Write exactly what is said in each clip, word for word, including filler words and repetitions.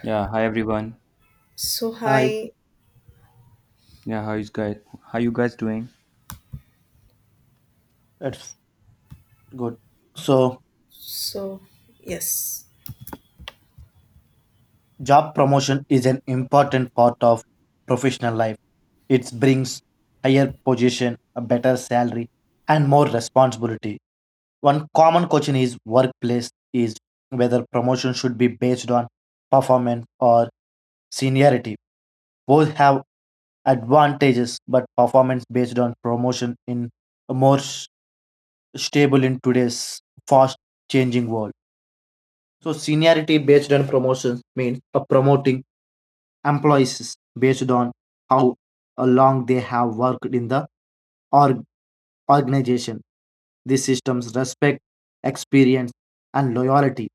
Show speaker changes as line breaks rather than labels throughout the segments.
Yeah, hi everyone.
So
Hi,
high,
Yeah, how is guys? How you guys doing?
that's good. So,
so yes,
job promotion is an important part of professional life. It brings higher position, a better salary, and more responsibility. One common question is workplace is whether promotion should be based on performance or seniority. Both have advantages, but performance based on promotion in a more s- stable in today's fast changing world. So seniority based on promotions means uh, promoting employees based on how uh, long they have worked in the org- organization. These systems respect experience and loyalty.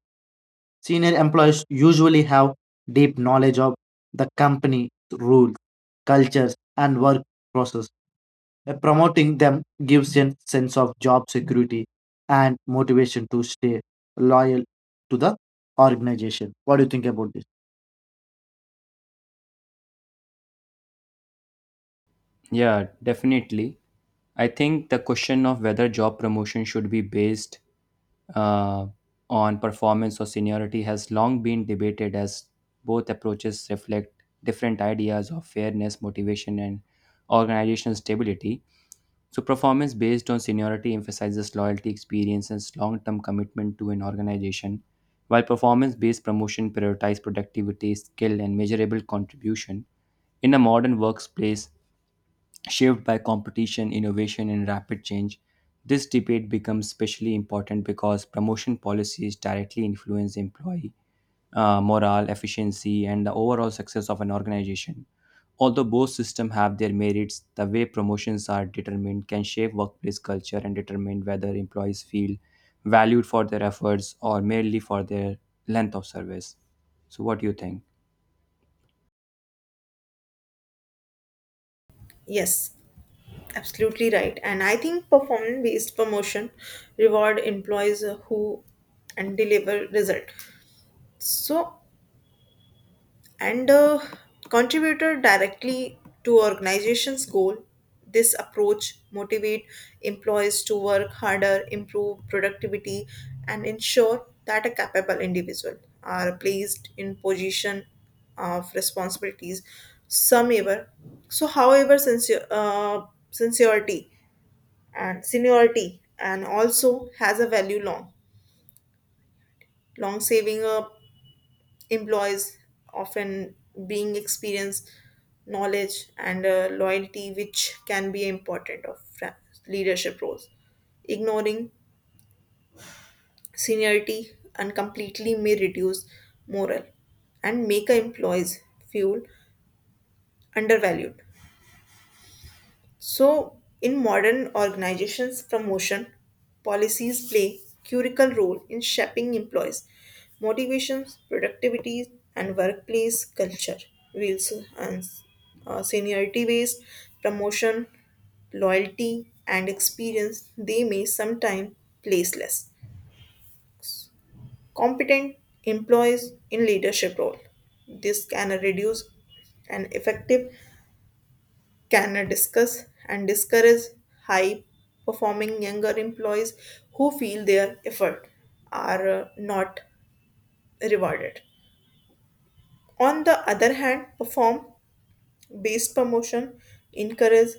Senior employees usually have deep knowledge of the company rules, cultures, and work process. Uh, Promoting them gives a sense of job security and motivation to stay loyal to the organization. What do you think about this?
Yeah, definitely. I think the question of whether job promotion should be based uh, on performance or seniority has long been debated as both approaches reflect different ideas of fairness, motivation, and organizational stability. So, performance based on seniority emphasizes loyalty, experience, and long term commitment to an organization, while performance based promotion prioritizes productivity, skill, and measurable contribution. In a modern workplace shaped by competition, innovation, and rapid change, this debate becomes especially important because promotion policies directly influence employee uh, morale, efficiency, and the overall success of an organization. Although both systems have their merits, the way promotions are determined can shape workplace culture and determine whether employees feel valued for their efforts or merely for their length of service. So, what do you think?
yes, absolutely right. And I think performance-based promotion reward employees who and deliver result. So and uh, contributor directly to organization's goal, this approach motivate employees to work harder, improve productivity, and ensure that a capable individual are placed in position of responsibilities. Some ever so However sincere, uh, sincerity and seniority and also has a value. Long long saving a employees often being experience, knowledge, and uh, loyalty, which can be important of fra- leadership roles. Ignoring seniority and completely may reduce morale and make a employees feel undervalued. So, in modern organizations, promotion policies play critical role in shaping employees' motivations, productivity, and workplace culture. Wheels and uh, seniority-based promotion, loyalty, and experience they may sometimes place less competent employees in leadership role. This can reduce an effective, can discuss and discourage high performing younger employees who feel their effort are uh, not rewarded. On the other hand, perform based promotion encourage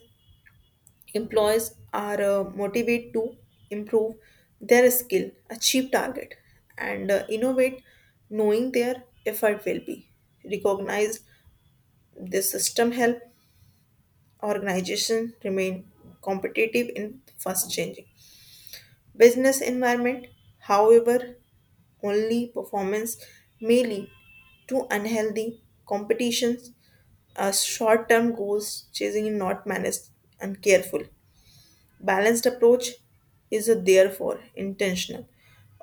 employees are uh, motivated to improve their skill, achieve target, and uh, innovate knowing their effort will be recognized. This system help organization remain competitive in fast changing business environment. However, only performance may lead to unhealthy competitions, uh, short-term goals chasing is not managed and careful. Balanced approach is a therefore intentional.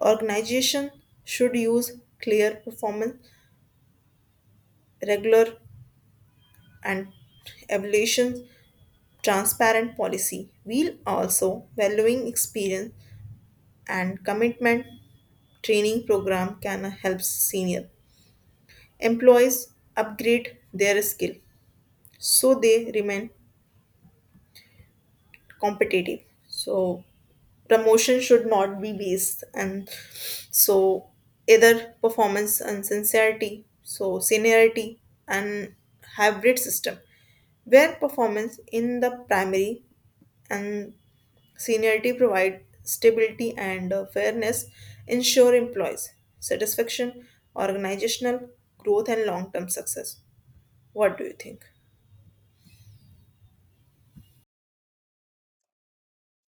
Organization should use clear performance, regular and evaluations, transparent policy. While also valuing experience and commitment, training program can help senior employees upgrade their skill so they remain competitive. So promotion should not be based and so either performance and sincerity so seniority and hybrid system where performance in the primary and seniority provide stability and uh, fairness, ensure employees satisfaction, organizational growth, and long term success. What do you think?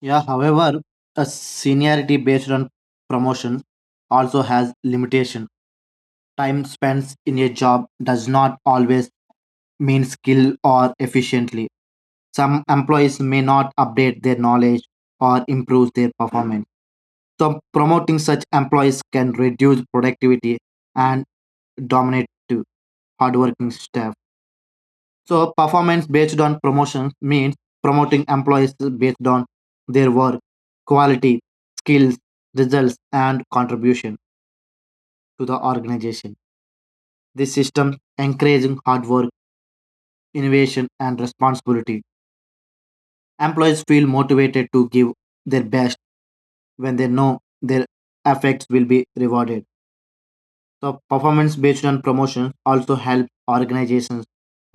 Yeah, however, a seniority based on promotion also has limitation. Time spent in a job does not always mean skill or efficiently. Some employees may not update their knowledge or improve their performance. So promoting such employees can reduce productivity and dominate to hardworking staff. So performance based on promotion means promoting employees based on their work, quality, skills, results, and contribution to the organization. This system encouraging hard work, innovation, and responsibility. Employees feel motivated to give their best when they know their efforts will be rewarded. So performance based on promotions also help organizations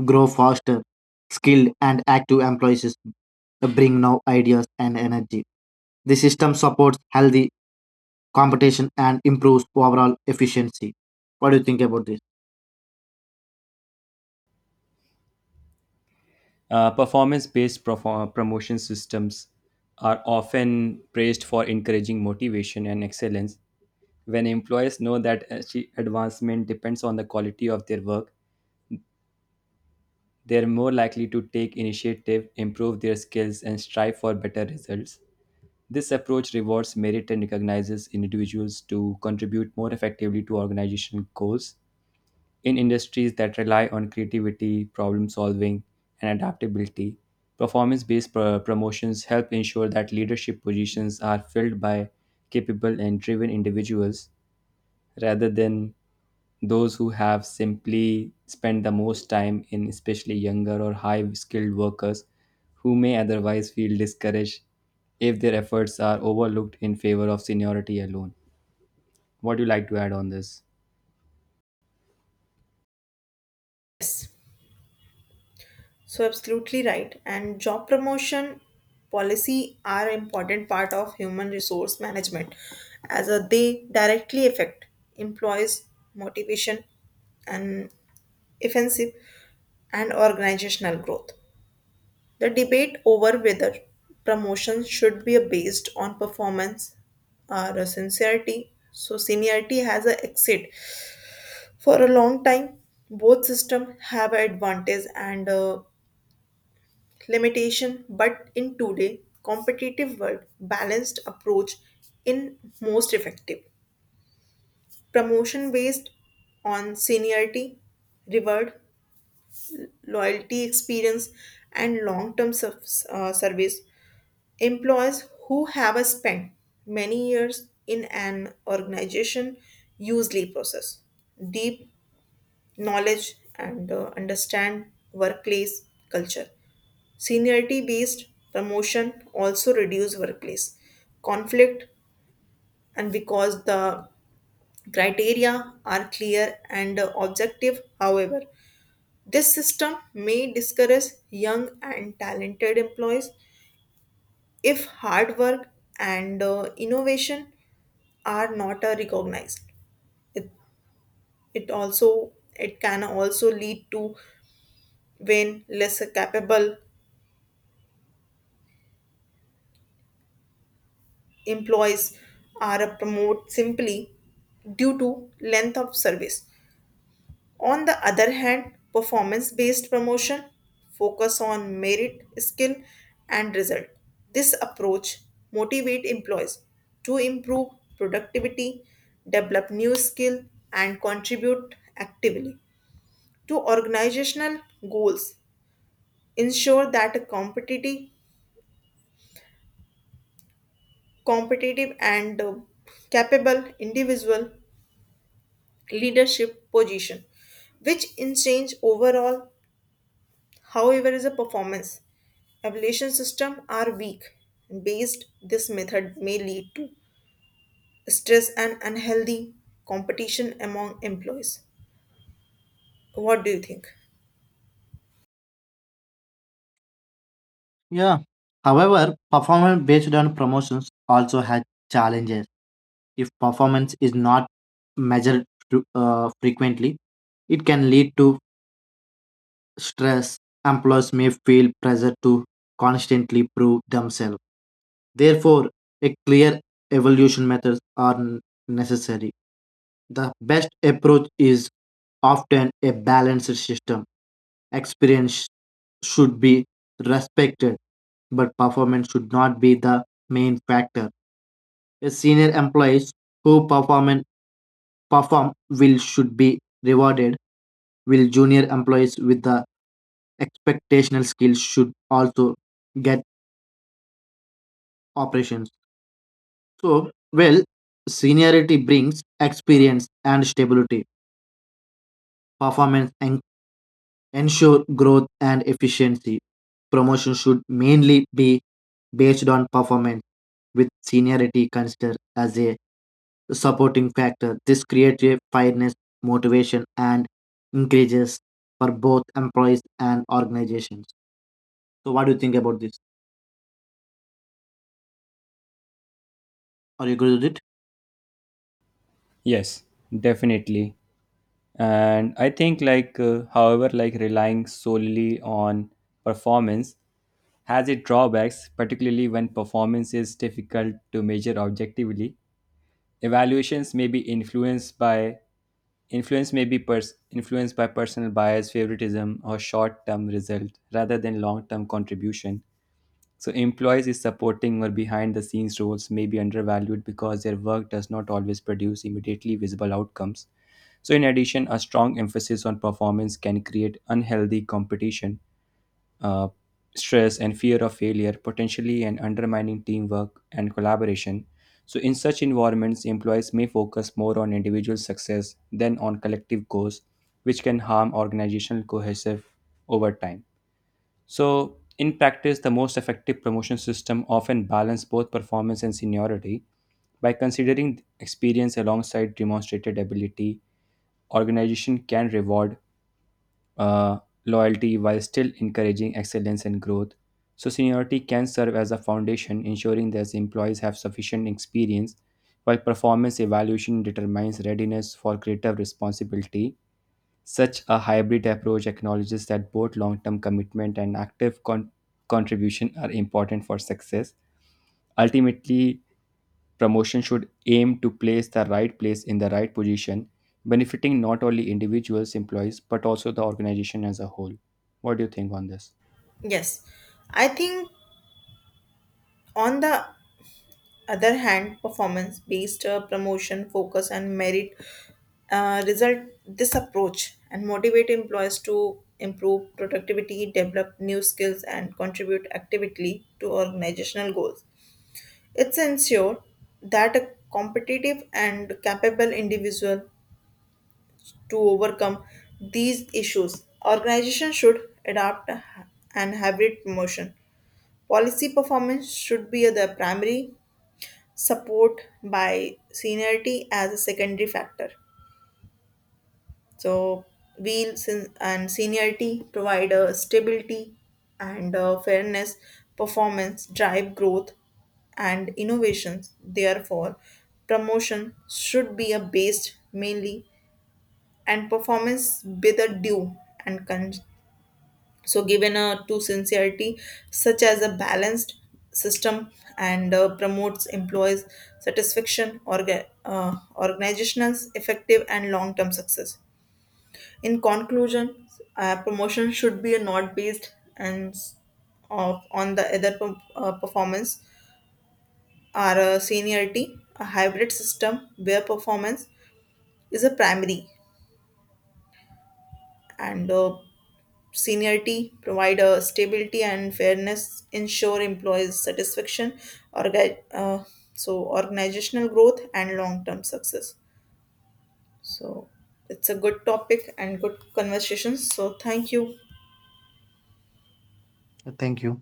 grow faster, skilled and active employees bring new ideas and energy. The system supports healthy competition and improves overall efficiency. What do you think about this?
Uh, Performance based promotion systems are often praised for encouraging motivation and excellence. When employers know that achie- advancement depends on the quality of their work, they are more likely to take initiative, improve their skills, and strive for better results. This approach rewards merit and recognizes individuals to contribute more effectively to organizational goals. In industries that rely on creativity, problem solving, and adaptability, performance based promotions help ensure that leadership positions are filled by capable and driven individuals rather than those who have simply spent the most time in especially younger or high skilled workers who may otherwise feel discouraged if their efforts are overlooked in favor of seniority alone. What do you like to add on this?
Yes, so absolutely right. And job promotion policy are important part of human resource management as uh, they directly affect employees' motivation and offensive and organizational growth. The debate over whether promotions should be based on performance or sincerity, so seniority has a exit. For a long time, both system have advantage and uh, limitation, but in today competitive world balanced approach in most effective. Promotion based on seniority reward loyalty, experience, and long term service. Employees who have spent many years in an organization usually possess deep knowledge and uh, understand workplace culture. Seniority based promotion also reduce workplace conflict and because the criteria are clear and objective. However, this system may discourage young and talented employees if hard work and uh, innovation are not uh, recognized. It, it also it can also lead to when less capable employees are promoted simply due to length of service. On the other hand, performance based promotion focus on merit, skill and result. This approach motivate employees to improve productivity, develop new skill, and contribute actively to organizational goals. Ensure that a competitive competitive and uh, capable individual leadership position, which in change overall. However, is a performance. Evaluation system are weak. Based this method may lead to stress and unhealthy competition among employees. What do you think?
Yeah. However, performance based on promotions also has challenges. If performance is not measured fre- uh, frequently, it can lead to stress, employees may feel pressure to constantly prove themselves. Therefore, a clear evaluation methods are n- necessary. The best approach is often a balanced system. Experience should be respected, but performance should not be the main factor. A senior employees who perform perform will should be rewarded, while junior employees with the expectational skills should also get operations. So, well, seniority brings experience and stability. Performance and ensure growth and efficiency. Promotion should mainly be based on performance, with seniority considered as a supporting factor. This creates a fairness, motivation, and increases for both employees and organizations. So, what do you think about this? Are you good with
Yes, definitely. And I think like uh, however, like, relying solely on performance has its drawbacks, particularly when performance is difficult to measure objectively. Evaluations may be influenced by influence may be pers- influenced by personal bias, favoritism, or short-term result rather than long-term contribution. So employees is supporting or behind the scenes roles may be undervalued because their work does not always produce immediately visible outcomes. So in addition, a strong emphasis on performance can create unhealthy competition, uh, stress, and fear of failure, potentially and undermining teamwork and collaboration. So in such environments, employees may focus more on individual success than on collective goals, which can harm organizational cohesive over time. So, in practice, the most effective promotion system often balance both performance and seniority by considering experience alongside demonstrated ability. Organization can reward uh, loyalty while still encouraging excellence and growth. So, seniority can serve as a foundation, ensuring that employees have sufficient experience, while performance evaluation determines readiness for greater responsibility. Such a hybrid approach acknowledges that both long term commitment and active con- contribution are important for success. Ultimately, promotion should aim to place the right place in the right position, benefiting not only individuals, employees, but also the organization as a whole. What do you think on this?
Yes, I think on the other hand, performance based uh, promotion, focus, and merit, uh, result, this approach and motivate employees to improve productivity, develop new skills, and contribute actively to organizational goals. It's ensured that a competitive and capable individual to overcome these issues. Organization should adopt a- an hybrid promotion. Policy performance should be the primary, support by seniority as a secondary factor. So, wheels in- and seniority provide a stability and uh, fairness, performance, drive growth, and innovations. Therefore, promotion should be a based mainly and performance with a due and con- so given a to sincerity, such as a balanced system and uh, promotes employees satisfaction, orga- uh, organizational effective and long term success. In conclusion, uh, promotion should be a not based and s- of, on the other per- uh, performance or uh, seniority, a hybrid system where performance is a primary and uh, seniority, provide a stability and fairness, ensure employees' satisfaction, orga- uh, so organizational growth and long-term success. So it's a good topic and good conversation. So thank you.
it? Thank you.